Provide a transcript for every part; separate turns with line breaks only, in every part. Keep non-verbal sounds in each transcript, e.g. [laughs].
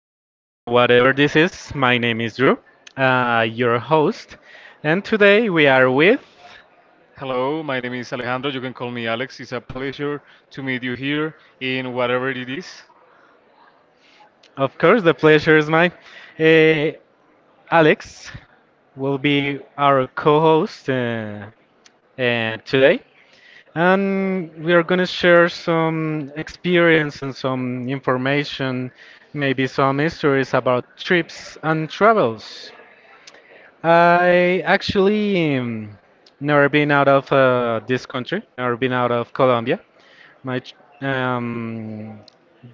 again in whatever this is. My name is Drew, your host, and today we are with
Hello, my name is Alejandro. You can call me Alex. It's a pleasure to meet you here in whatever it is.
of course, the pleasure is mine. Uh, Alex will be our co-host today, and we are gonna share some experience and some information, maybe some histories about trips and travels. I actually never been out of this country, never been out of Colombia. My ch- um,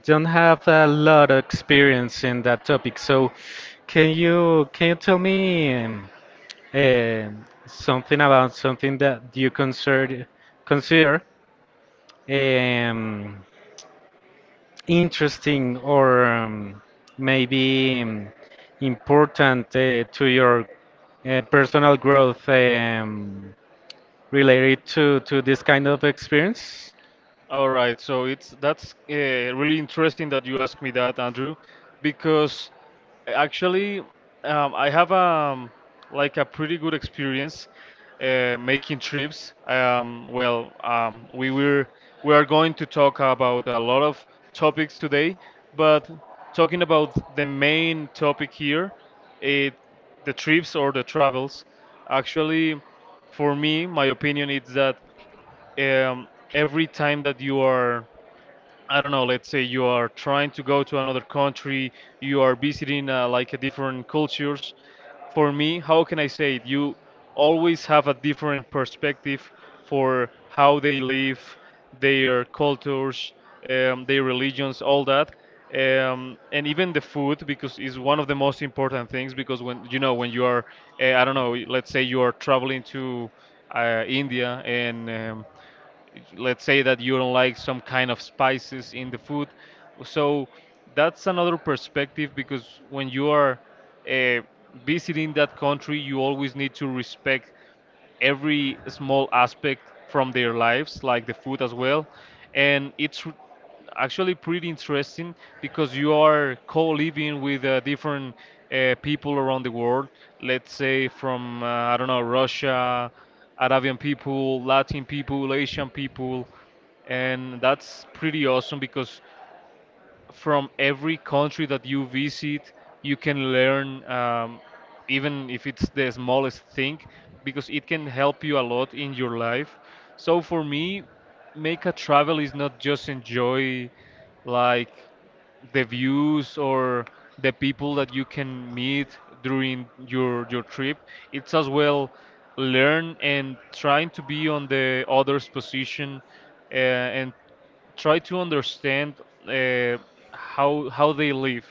don't have a lot of experience in that topic. So, can you tell me something about something that you consider um, interesting or maybe important to your personal growth? Related to this kind of experience?
All right, so it's that's really interesting that you asked me that, Andrew, because actually, I have, like, a pretty good experience making trips. Well, we are going to talk about a lot of topics today, but talking about the main topic here, it, the trips or the travels. Actually, for me, my opinion is that, um, every time that you are, I don't know, let's say you are trying to go to another country, you are visiting like a different cultures. For me, how can I say it, you always have a different perspective for how they live, their cultures, their religions, all that. And even the food, because it's one of the most important things, because when you are, I don't know, let's say you are traveling to, india, and let's say that you don't like some kind of spices in the food. So that's another perspective, because when you are uh, visiting that country, you always need to respect every small aspect from their lives, like the food as well. And actually pretty interesting, because you are co-living with different people around the world. Let's say from, I don't know, Russia, Arabian people, Latin people, Asian people, and that's pretty awesome, because from every country that you visit, you can learn, even if it's the smallest thing, because it can help you a lot in your life. So for me, make a travel is not just enjoy like the views or the people that you can meet during your trip. It's as well learn and trying to be on the other's position, and try to understand, uh, how they live,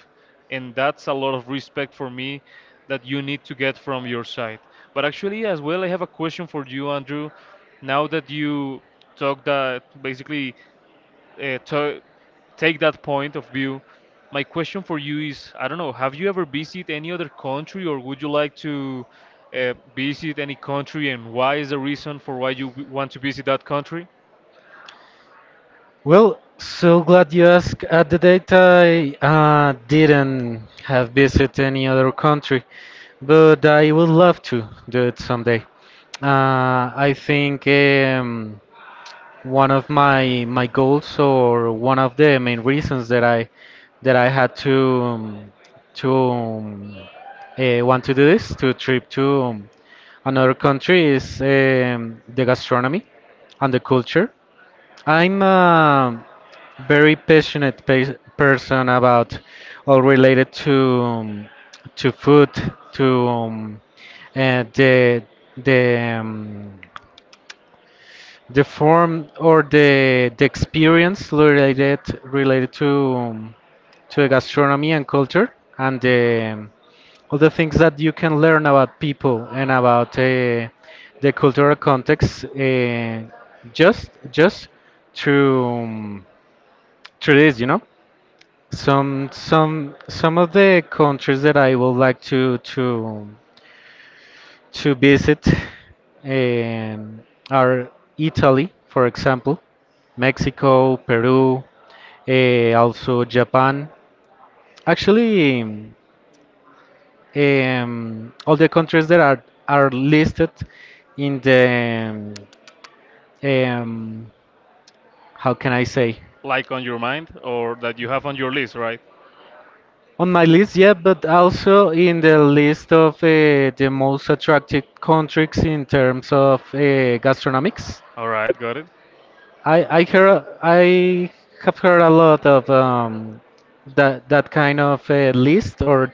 and that's a lot of respect for me that you need to get from your side. But actually, as well, I have a question for you, Andrew. Now that you talk that basically, to take that point of view, my question for you is, I don't know, have you ever visited any other country, or would you like to visit any country, and why is the reason for why you want to visit that country?
Well, so glad you asked. At the date, I didn't have visit any other country, but I would love to do it someday. I think one of my goals or one of the main reasons that I had to to um, want to do this to trip to another country is the gastronomy and the culture. I'm a very passionate person about all related um, to food to the the um, the form or the experience related um, to the gastronomy and culture and all the things that you can learn about people and about the cultural context just through through this, you know. Some of the countries that I would like to visit um, are Italy, for example, Mexico, Peru, also Japan. Actually, all the countries that are listed in the um, um, how can I say
Like on your mind, or that you have on your list, right?
on my list, yeah, but also in the list of the most attractive countries in terms of gastronomics.
All right, got it.
I have heard a lot of that that kind of list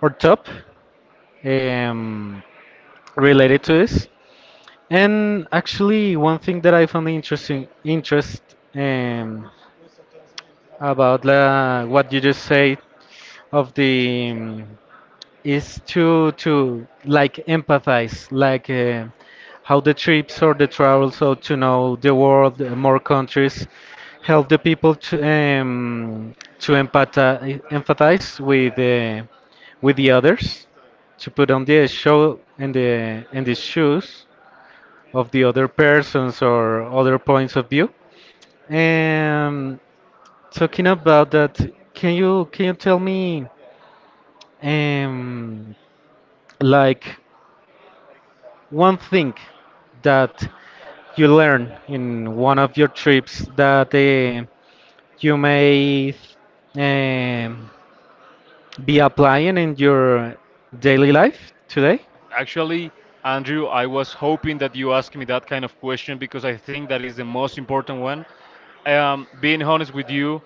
or top um, related to this. And actually, one thing that I found interesting interest um, about la, what you just say of the is to like empathize like how the trips or the travels so to know the world more countries help the people to empathize with the others to put on the show and the shoes of the other persons or other points of view um, talking about that, can you tell me um like one thing that you learn in one of your trips that you may um, be applying in your daily life today?
Actually, Andrew, I was hoping that you asked me that kind of question, because I think that is the most important one. Being honest with you,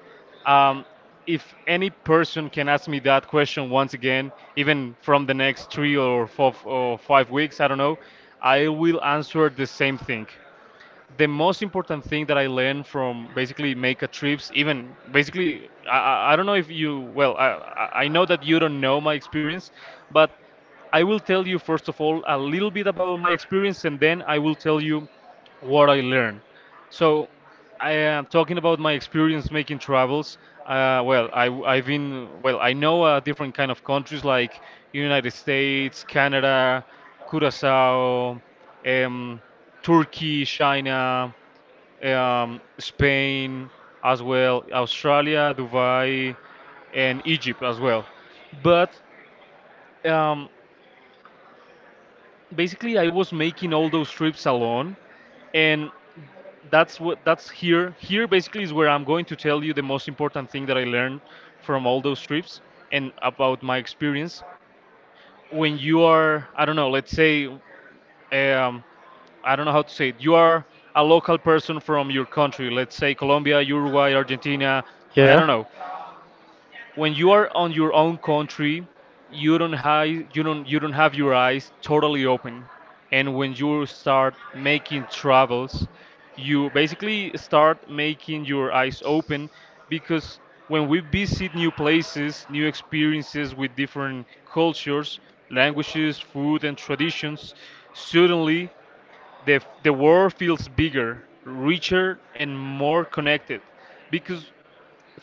um, if any person can ask me that question once again, even from the next 3 or 4 or 5 weeks, I don't know, I will answer the same thing. The most important thing that I learned from basically make a trips, even basically, I don't know if you, well, I know that you don't know my experience, but I will tell you first of all a little bit about my experience, and then I will tell you what I learned. So, I am talking about my experience making travels. Well, I've been, well, I know different kind of countries, like United States, Canada, Curacao. Um, Turkey, China, Spain as well, Australia, Dubai, and Egypt as well. But um, basically, I was making all those trips alone, and that's here. Here basically is where I'm going to tell you the most important thing that I learned from all those trips and about my experience. When you are, I don't know, let's say, um, I don't know how to say it. You are a local person from your country, let's say Colombia, Uruguay, Argentina, I
Yeah.
don't know. When you are on your own country, you don't have your eyes totally open. And when you start making travels, you basically start making your eyes open, because when we visit new places, new experiences with different cultures, languages, food and traditions, suddenly the world feels bigger, richer, and more connected, because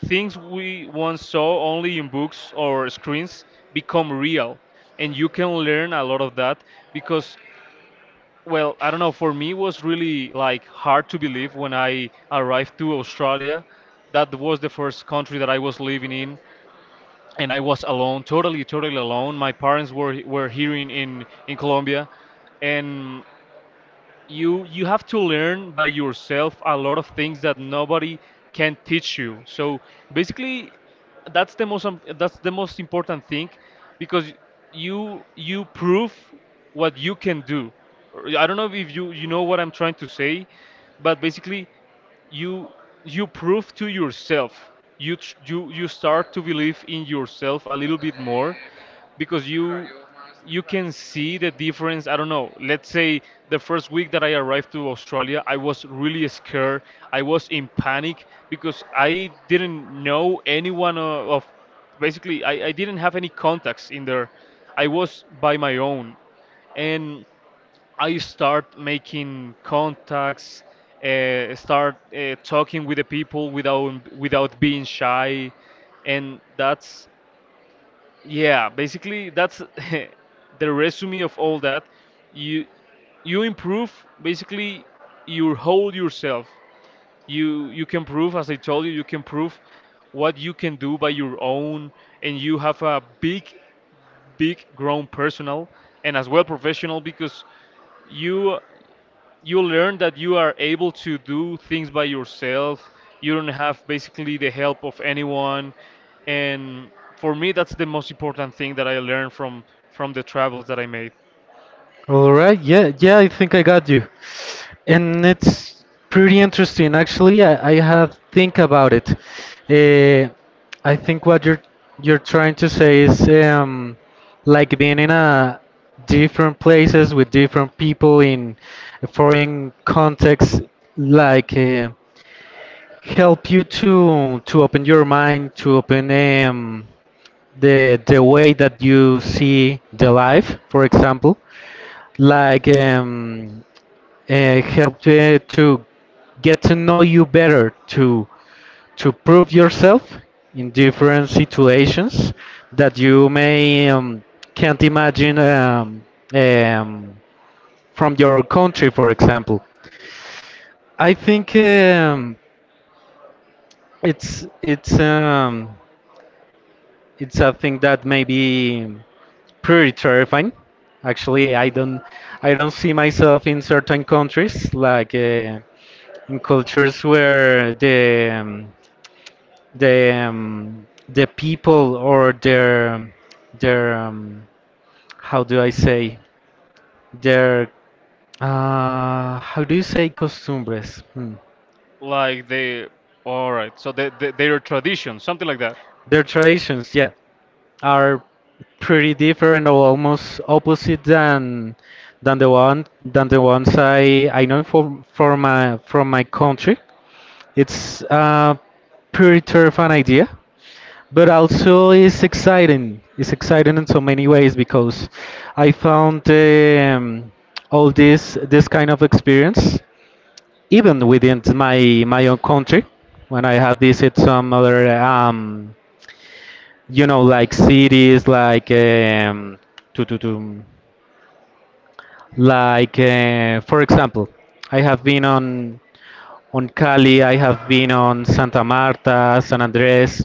things we once saw only in books or screens become real, and you can learn a lot of that, because, well, I don't know, for me it was really like hard to believe when I arrived to Australia. That was the first country that I was living in, and I was alone, totally alone. My parents were here in Colombia, and you have to learn by yourself a lot of things that nobody can teach you. So basically, that's the most important thing, because you prove what you can do. I don't know if you know what I'm trying to say, but basically you you prove to yourself, you tr- you start to believe in yourself a little bit more, because you can see the difference. I don't know, let's say the first week that I arrived to Australia, I was really scared, I was in panic, because I didn't know anyone, of basically I didn't have any contacts in there, I was by my own, and I start making contacts, start talking with the people without being shy, and that's, yeah, basically that's [laughs] the resume of all that. You you improve, basically you hold yourself. You can prove, as I told you, you can prove what you can do by your own, and you have a big grown personal, and as well professional, because you you learn that you are able to do things by yourself. You don't have basically the help of anyone. And for me, that's the most important thing that I learned from the travels that I made.
All right, yeah, yeah, I think I got you. And it's pretty interesting, actually. I have think about it. Uh, I think what you're trying to say is like being in a different places with different people in a foreign context, like help you to open your mind, to open the way that you see the life, for example like help to get to know you better to prove yourself in different situations that you may can't imagine um, from your country, for example. I think it's it's um, it's a thing that may be pretty terrifying. Actually, I don't see myself in certain countries like in cultures where the people or their how do I say their how do you say costumbres hmm.
Like the, all right, so their tradition, something like that.
Their traditions, yeah, are pretty different or almost opposite than the ones I know from my country. It's a pretty terrifying idea, but also it's exciting. It's exciting in so many ways because I found all this kind of experience even within my own country when I have visited some other you know like cities like to, to, to, for example, I have been on Cali. I have been on Santa Marta, San Andres,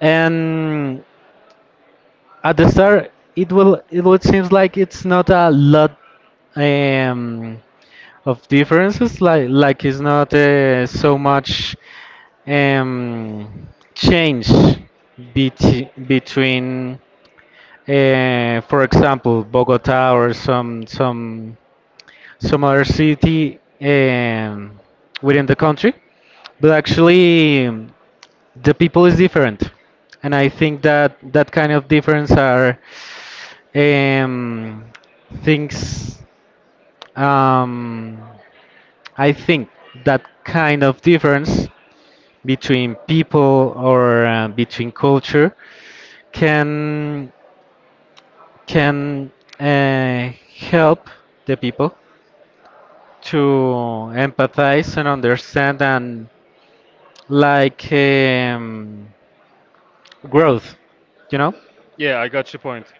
and at the start it will it would seems like it's not a lot um, of differences like it's not so much um, change between for example Bogota or some other city within the country. But actually, the people is different, and I think that that kind of difference are um, things um, I think that kind of difference between people or between culture can can uh, help the people to empathize and understand and like growth, you know.
Yeah, I got your point.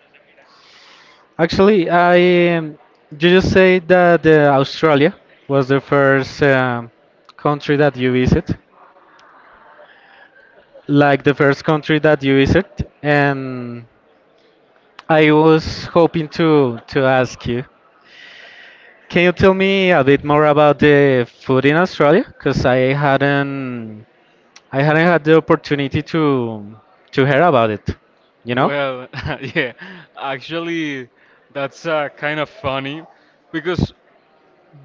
Actually, I you just say that Australia was the first country that you visit, like the first country that you visit, and I was hoping to ask you, can you tell me a bit more about the food in Australia? Because I hadn't had the opportunity to hear about it, you know?
Well, [laughs] yeah, actually, that's kind of funny, because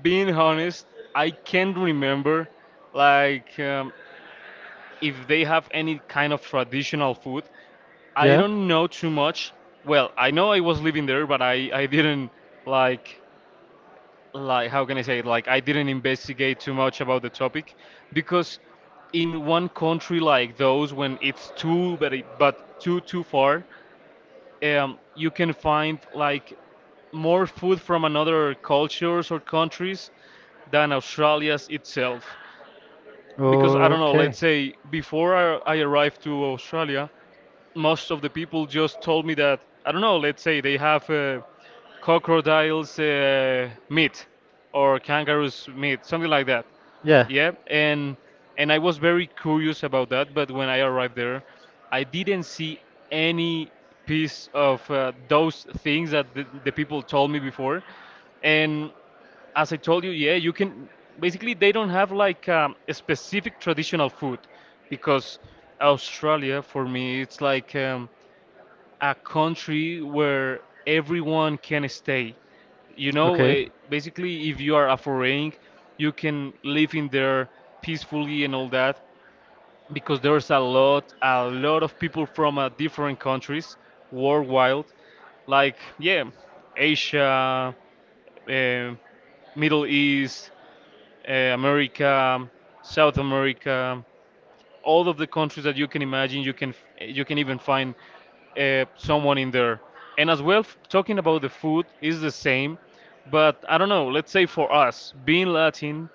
being honest, I can't remember, like, if they have any kind of traditional food. I
Yeah.
don't know too much. Well, I know I was living there, but I didn't, like, how can I say it? Like, I didn't investigate too much about the topic, because in one country like those, when it's too, but too far, you can find like more food from another cultures or countries than Australia's itself. Because, I don't know,
Okay.
let's say before I arrived to Australia, most of the people just told me that, I don't know, let's say they have, crocodiles, meat, or kangaroos meat, something like that.
Yeah.
Yeah, and I was very curious about that. But when I arrived there, I didn't see any piece of those things that the people told me before, and as I told you, yeah, you can basically they don't have like, a specific traditional food, because Australia for me it's like, a country where everyone can stay. You know,
Okay.
basically if you are a foreign, you can live in there peacefully and all that, because there's a lot of people from different countries worldwide, like, yeah, Asia, um Middle East, America, South America, all of the countries that you can imagine. You can even find someone in there. And as well, talking about the food is the same, but, I don't know, let's say for us, being Latin,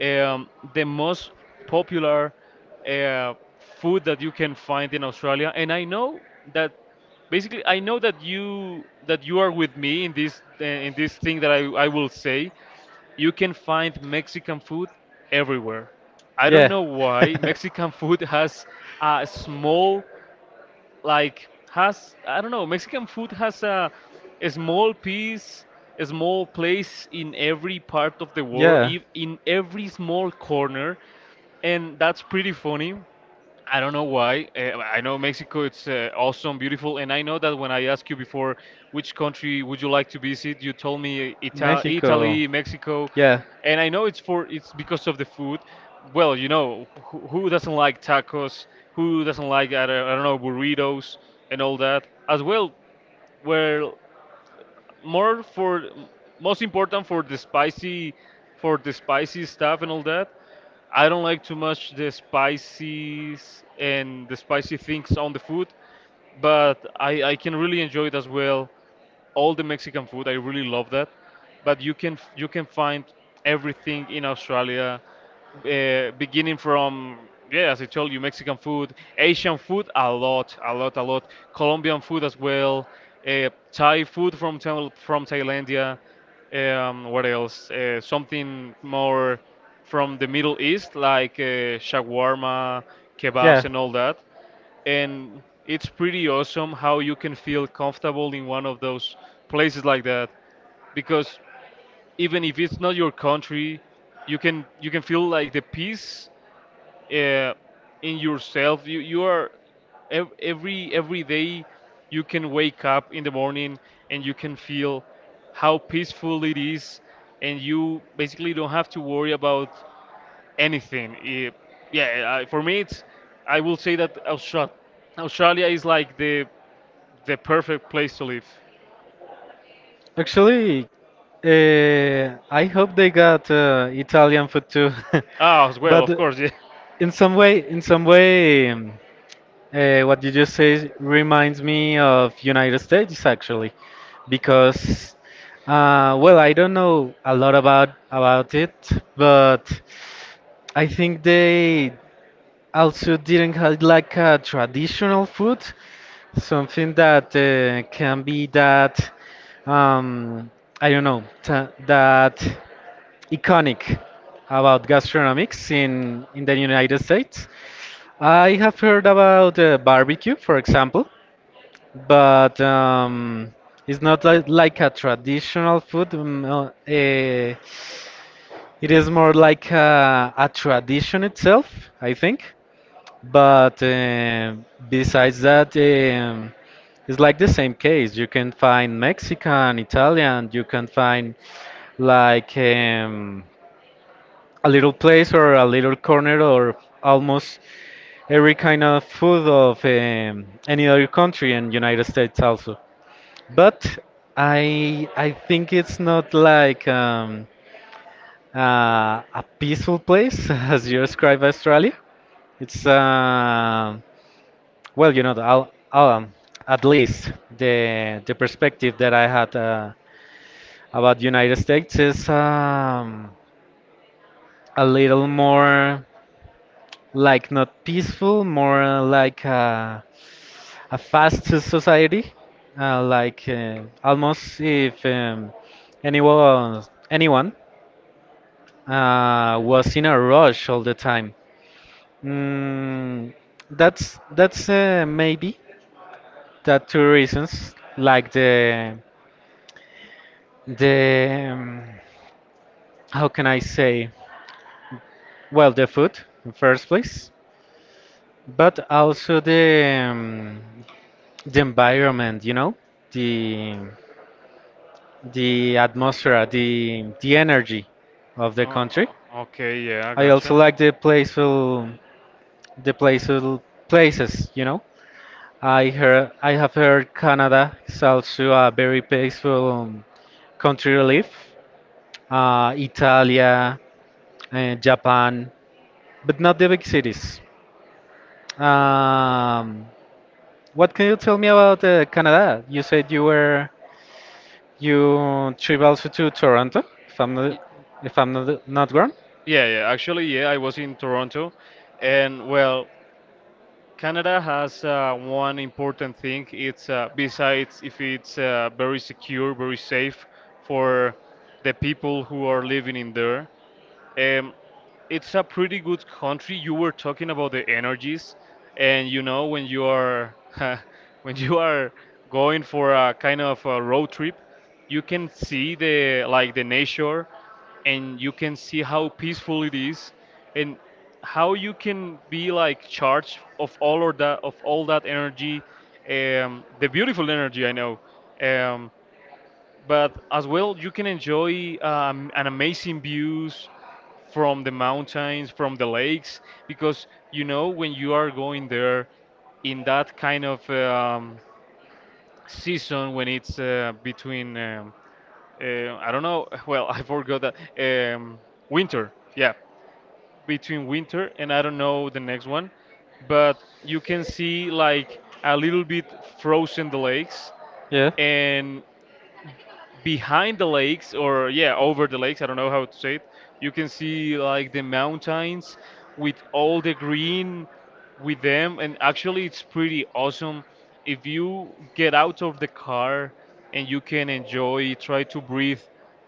the most popular food that you can find in Australia. And that I know that you are with me in this, thing that I will say: you can find Mexican food everywhere. I don't
Yeah.
know why
[laughs]
Mexican [laughs] food has a small, like has, I don't know, Mexican food has a small piece, a small place in every part of the world,
Yeah.
in every small corner, and that's pretty funny, I don't know why. I know Mexico, it's awesome, beautiful, and I know that when I asked you before which country would you like to visit, you told me
Mexico.
Italy, Mexico,
Yeah,
and I know it's, for it's because of the food. Well, who doesn't like tacos? Who doesn't like, I don't know, burritos and all that? As well, where more, for most important for the spicy, stuff and all that. I don't like too much the spices and the spicy things on the food, but I can really enjoy it as well, all the Mexican food. I really love that. But you can find everything in Australia, beginning from, yeah, as I told you, Mexican food, Asian food, a lot, a lot, a lot, Colombian food as well, Thai food from from Thailandia. What else? Something more from the Middle East, like shawarma,
yeah.
kebabs, and all that. And it's pretty awesome how you can feel comfortable in one of those places like that, because even if it's not your country, you can feel like the peace uh, in yourself. You are every day, you can wake up in the morning and you can feel how peaceful it is, and you basically don't have to worry about anything. Yeah, for me, it's, I will say that Australia is like the perfect place to live.
Actually, I hope they got Italian food too.
Ah, as
[laughs]
well, of
But
course, [laughs] yeah.
in some way, what you just say reminds me of United States actually, because well, I don't know a lot about it, but I think they also didn't have like a traditional food, something that can be that um, I don't know ta that iconic about gastronomics in the United States. I have heard about barbecue, for example, but it's not like a traditional food. It is more like a tradition itself, I think. But besides that, it's like the same case. You can find Mexican, Italian, you can find like a little place or a little corner or almost every kind of food of any other country in United States also. But I think it's not like a peaceful place [laughs] as you describe Australia. It's well, you know, at least the perspective that I had about United States is a little more like not peaceful, more like a fast society, like almost if um, anyone anyone uh, was in a rush all the time. Mm, that's maybe that two reasons, like the the um, how can I say? Well, the food in first place, but also the environment, you know, the the atmosphere, the energy of the
Oh,
country.
oh, okay, yeah, I
I also
gotcha.
like the playful places, you know. I have heard Canada is also a very peaceful country to live. Italia, Japan, but not the big cities. Um, what can you tell me about Canada? You said you were you trip also to Toronto, if I'm
Y-
not if I'm not wrong.
Yeah, yeah, actually, yeah, I was in Toronto, and well, Canada has one important thing. It's besides if it's very secure, very safe for the people who are living in there. Um, it's a pretty good country. You were talking about the energies, and you know when you are [laughs] when you are going for a kind of a road trip, you can see the like the nature, and you can see how peaceful it is, and how you can be like charged of all, or that, of all that energy, the beautiful energy, I know. Um, but as well, you can enjoy an amazing views from the mountains, from the lakes, because you know when you are going there in that kind of season when it's between I don't know. [laughs] Well, I forgot that winter. Yeah, between winter and I don't know the next one, but you can see like a little bit frozen the lakes,
Yeah,
and behind the lakes, or yeah, over the lakes, I don't know how to say it. You can see like the mountains with all the green with them, and actually it's pretty awesome. If you get out of the car and you can enjoy, try to breathe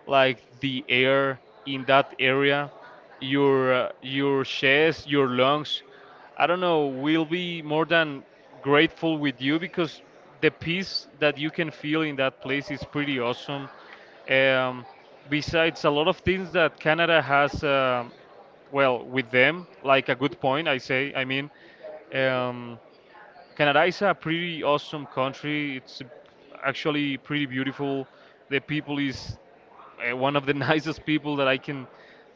like the air in that area, your chest, your lungs, I don't know, we'll be more than grateful with you, because the peace that you can feel in that place is pretty awesome. Um, Besides, a lot of things that Canada has, well, with them, like a good point, I say, I mean. Um, Canada is a pretty awesome country. It's actually pretty beautiful. The people is one of the [laughs] nicest people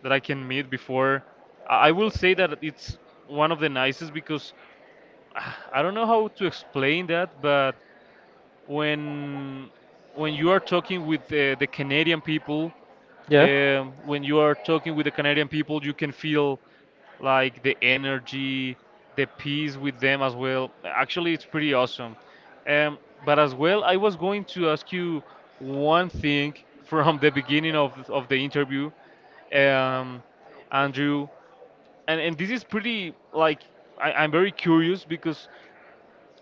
that I can meet before. I will say that it's one of the nicest because [sighs] ah, I don't know how to explain that, but when when you are talking with the Canadian people,
yeah.
when you are talking with the Canadian people, you can feel like the energy, the peace with them as well. Actually, it's pretty awesome. Um, but as well, I was going to ask you one thing, [laughs] from the beginning of the interview, um, Andrew, and this is pretty like, I'm very curious because.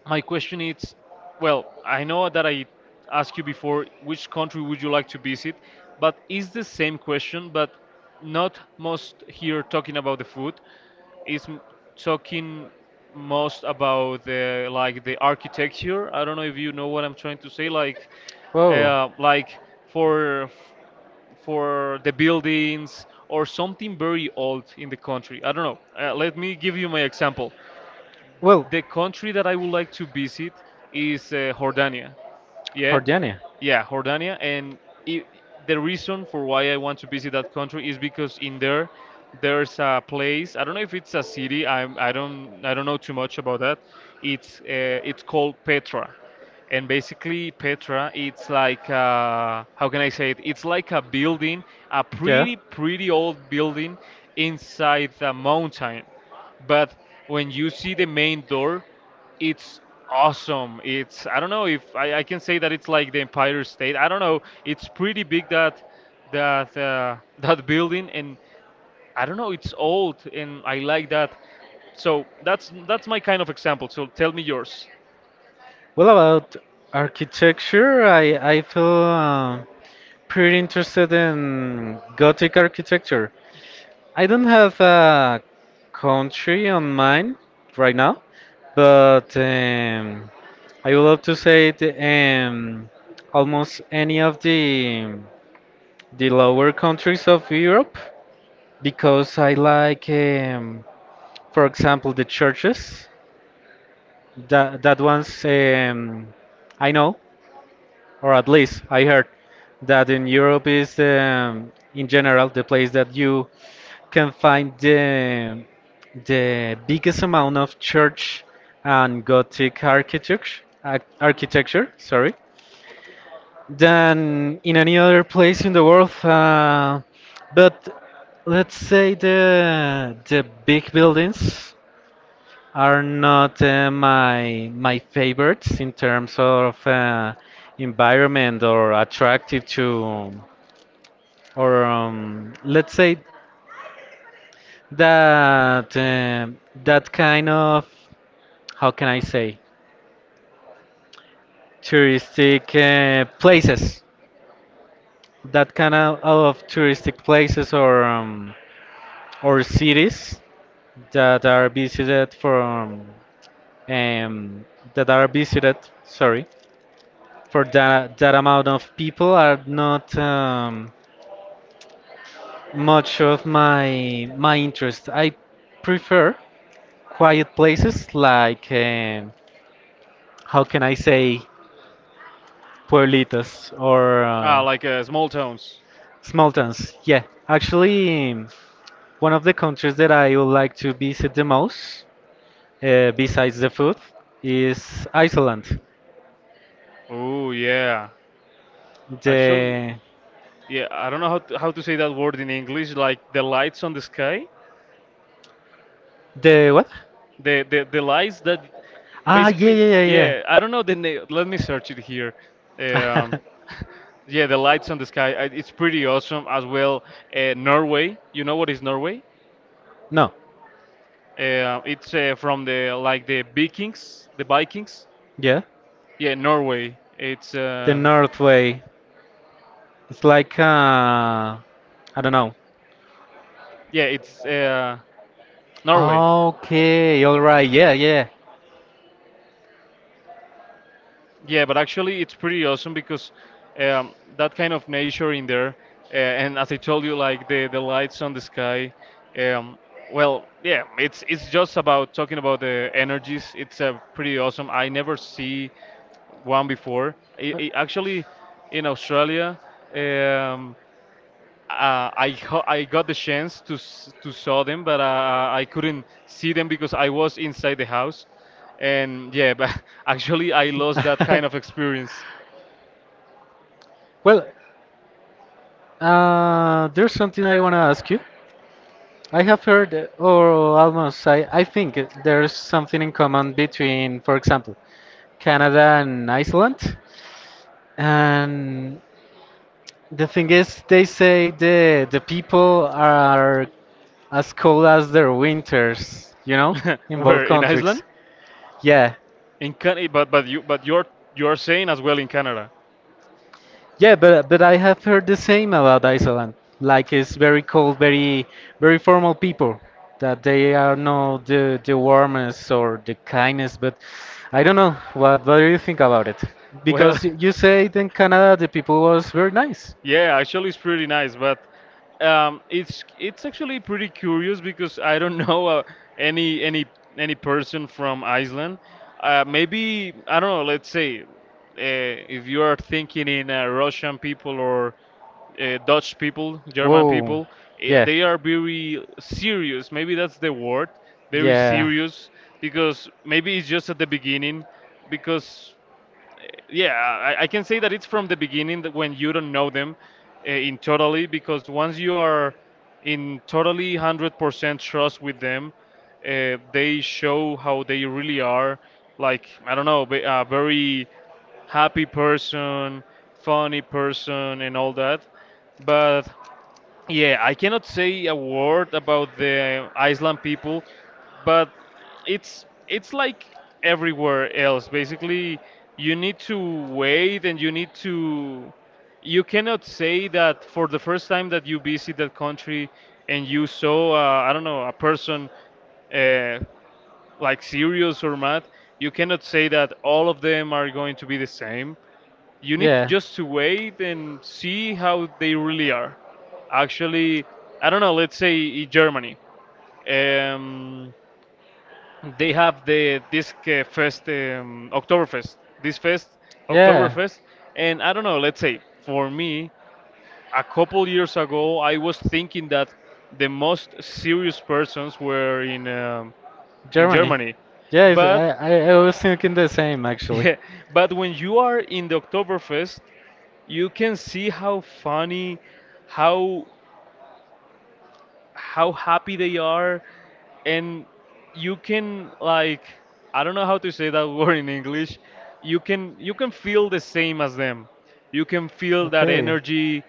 My question is, well, I know that I asked you before which country would you like to visit, but is the same question, but not most here talking about the food, is talking most about, the like, the architecture. I don't know if you know what I'm trying to say,
Whoa.
like for for the buildings or something very old in the country. I don't know. Let me give you my example.
Well,
The country that I would like to visit is Jordania. Yeah,
Jordania.
yeah, Jordania. And I the reason for why I want to visit that country is because in there there's a place. I don't know if it's a city. I don't know too much about that. It's called Petra, and basically Petra, it's like, how can I say it? It's like a building, a
Yeah.
pretty old building inside the mountain. But when you see the main door, it's awesome. It's, I don't know if I can say that it's like the Empire State. I don't know. It's pretty big, that [laughs] that building, and I don't know, it's old, and I like that. So that's my kind of example. So tell me yours.
Well, about architecture, I feel pretty interested in Gothic architecture. I don't have a country on mind right now, but I would love to say almost any of the lower countries of Europe because I like, for example, the churches. That that one's I know, or at least I heard that in Europe is in general the place that you can find the biggest amount of church and Gothic architecture. Architecture, sorry, than in any other place in the world. But let's say the big buildings are not my my favorites in terms of environment or attractive to or let's say that um that kind of how can I say touristic places, that kind of touristic places or cities that are visited from um, that are visited, sorry, for that that amount of people are not much of my my interest. I prefer quiet places like how can I say pueblitos or
Ah, like small towns.
small towns, yeah. Actually, one of the countries that I would like to visit the most besides the food is Iceland.
Oh yeah. Actually,
the
yeah. I don't know how to say that word in English. Like the lights on the sky.
the what
The lies that
Ah, yeah,
basically,
yeah, yeah,
yeah, I don't know let me search it here.
yeah.
um [laughs] yeah, the lights on the sky, it's pretty awesome as well. Norway, you know what is Norway?
[laughs] No,
It's from, the like, the Vikings, the Vikings.
yeah,
Yeah, Norway, it's
the North Way. It's like I don't know.
yeah, it's Norway.
Okay, all right, yeah, yeah.
Yeah, but actually, it's pretty awesome because that kind of nature in there, and as I told you, like the lights on the sky. Um, well, yeah, it's just about talking about the energies. It's pretty awesome. I never see one before. Actually, in Australia, um, I got the chance to to saw them, but I couldn't see them because I was inside the house, and yeah, but [laughs] actually I lost that kind of
[laughs]
experience.
Well, there's something I wanna ask you. I have heard, or almost, I think there's something in common between, for example, Canada and Iceland. And the thing is, they say the people are as cold as their winters, you know,
[laughs]
in both
Where in Iceland,
countries. Yeah,
in Canada, but you but you're saying as well, in Canada.
yeah, but I have heard the same about Iceland. Like it's very cold, very very formal people. That they are not the the warmest or the kindest, but I don't know. What do you think about it?
Well,
Because
[laughs]
you say in Canada the people was very nice.
yeah, actually, it's pretty nice, but it's actually pretty curious because I don't [laughs] know any any any person from Iceland. Maybe I don't know. Let's say if you are thinking in Russian people, or Dutch people, German
Whoa,
people,
yeah,
they are very serious. Maybe that's the word, very
yeah,
serious, because maybe it's just at the beginning, because yeah, I can say that it's from the beginning, that when you don't know them in totally, because once you are in totally 100% trust with them, they show how they really are. Like, I don't know, a very happy person, funny person, and all that. But yeah, I cannot say a word about the Iceland people, but it's like everywhere else. Basically, you need to wait, and you need to, you cannot say that for the first time that you visit that country and you saw I don't know, a person uh, like serious or mad, you cannot say that all of them are going to be the same. You need
yeah,
just to wait and see how they really are. Actually, I don't know. Let's say in Germany, um, they have the this fest, Oktoberfest. This fest,
yeah.
Oktoberfest, and I don't know. Let's say for me, a couple years ago, I was thinking that the most serious persons were in
Germany.
Germany,
Yeah, if-
but
I I I was thinking the same
[laughs]
actually.
yeah, but when you are in the Oktoberfest, you can see how funny, how how happy they are, and you can like, I don't know how to say that [laughs] word in English. You can feel the same as them, you can feel that
Okay.
energy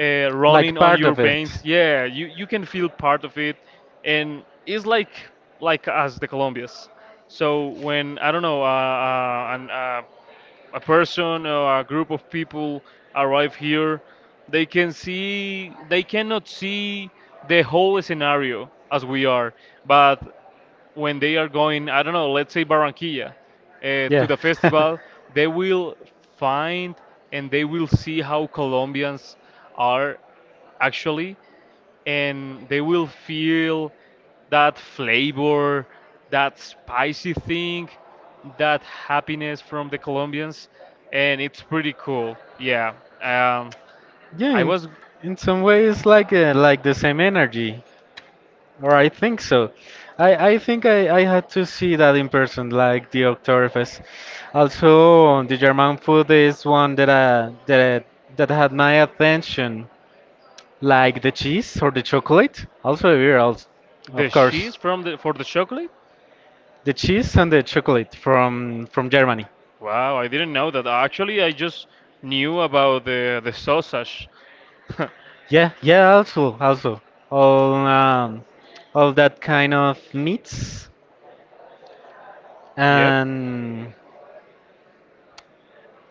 Like
running on
part
your
of it.
veins, yeah, you can feel part of it. And it's like, us, the Colombians. So when, I don't know, a person or a group of people arrive here, they cannot see the whole scenario as we are. But when they are going, I don't know, let's say Barranquilla, to
Yeah,
the
[laughs]
festival, they will find, and they will see how Colombians are actually, and they will feel that flavor, that spicy thing, that happiness from the Colombians, and it's pretty cool. Yeah, um,
yeah.
I was,
In some ways, like the same energy, or I think so. I think I had to see that in person, like the Oktoberfest. Also, the German food is one that that that had my attention, like the cheese or the chocolate. Also, the beer, also,
the
of course,
cheese from the for the chocolate.
the cheese and the chocolate from Germany.
Wow, I didn't know that. Actually, I just knew about the sausage. [laughs]
Yeah, yeah, also, also all um, all that kind of meats,
Yep.
and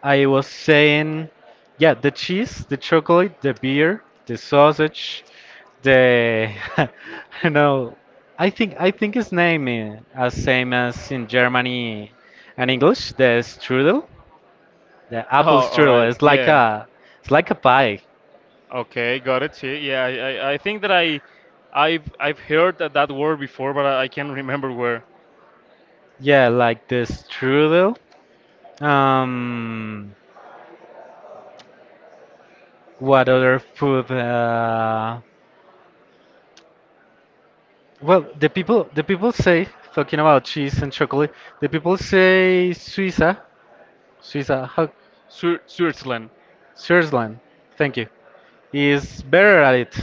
I was saying, yeah, the cheese, the chocolate, the beer, the sausage, the [laughs] you know, I think his name is as same as in Germany and English, the strudel, the apple
Oh, all
strudel.
right. Yeah.
It's like a pie.
Okay, got it. See, yeah, I think that I've heard that word before, but I can't remember where.
Yeah, like the strudel. Um, What other food? Well, the people say, talking about cheese and chocolate. The people say Suiza, Suiza, how,
Switzerland.
Switzerland. Thank you. Is better at it,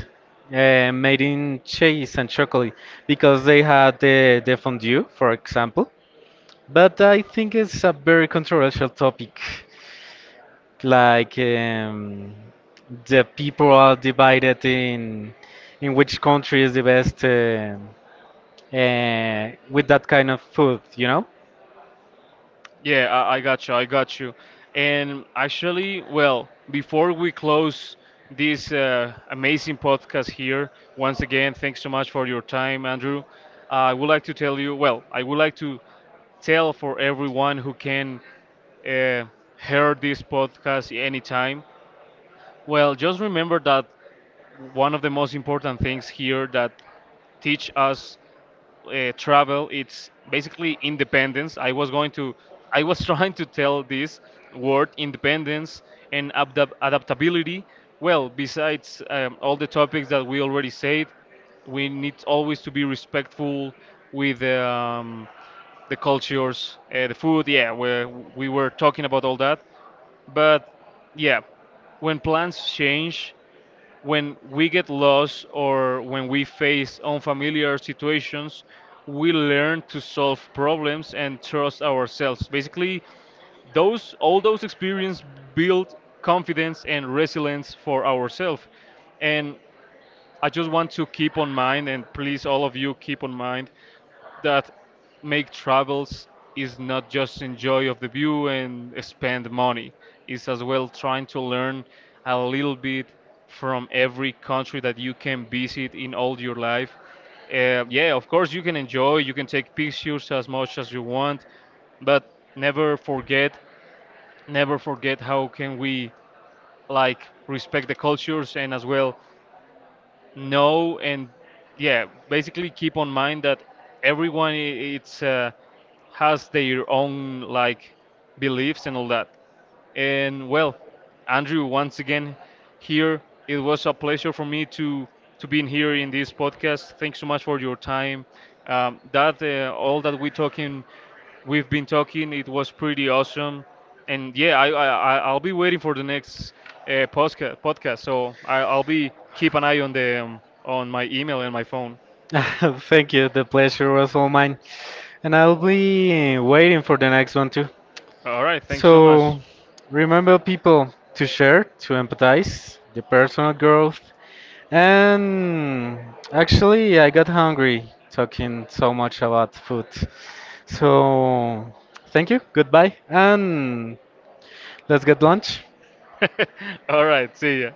made in cheese and chocolate because they had the fondue, for example. But I think it's a very controversial topic. Like the people are divided in which country is the best. With that kind of food, you know?
Yeah, I got you, I got you. And actually, well, before we close this amazing podcast here, once again, thanks so much for your time, Andrew. I would like to tell you, well, I would like to tell for everyone who can uh, hear this podcast anytime. Well, just remember that one of the most important things here that teach us travel, it's basically independence. I was [laughs] trying to tell this word, independence, and adaptability. Well, besides all the topics that we already said, we need always to be respectful with the cultures, the food. Yeah, we were talking about all that. But yeah, when plans change, when we get lost, or when we face unfamiliar situations, we learn to solve problems and trust ourselves. Basically, those all those experiences build confidence and resilience for ourselves. And I just want to keep on mind, and please all of you keep on mind that make travels is not just enjoy of the view and spend money. It's as well trying to learn a little bit from every country that you can visit in all your life. Yeah, of course you can enjoy, you can take pictures as much as you want, but never forget, never forget how can we, like, respect the cultures, and as well know, and yeah, basically keep on mind that everyone, it's has their own, like, beliefs and all that. And well, Andrew, once again here, it was a pleasure for me to be in here in this podcast. Thanks so much for your time. That all that we talking, we've been talking, it was pretty awesome, and yeah, I'll be waiting for the next podcast. So I'll be keep an eye on the on my email and my phone.
[laughs] Thank you. The pleasure was all mine. And I'll be waiting for the next one too.
All right, thanks so
So
much.
remember people to share, to empathize, the personal growth. And actually, I got hungry talking so much about food. So thank you. Goodbye. And let's get lunch.
[laughs] All right, see ya.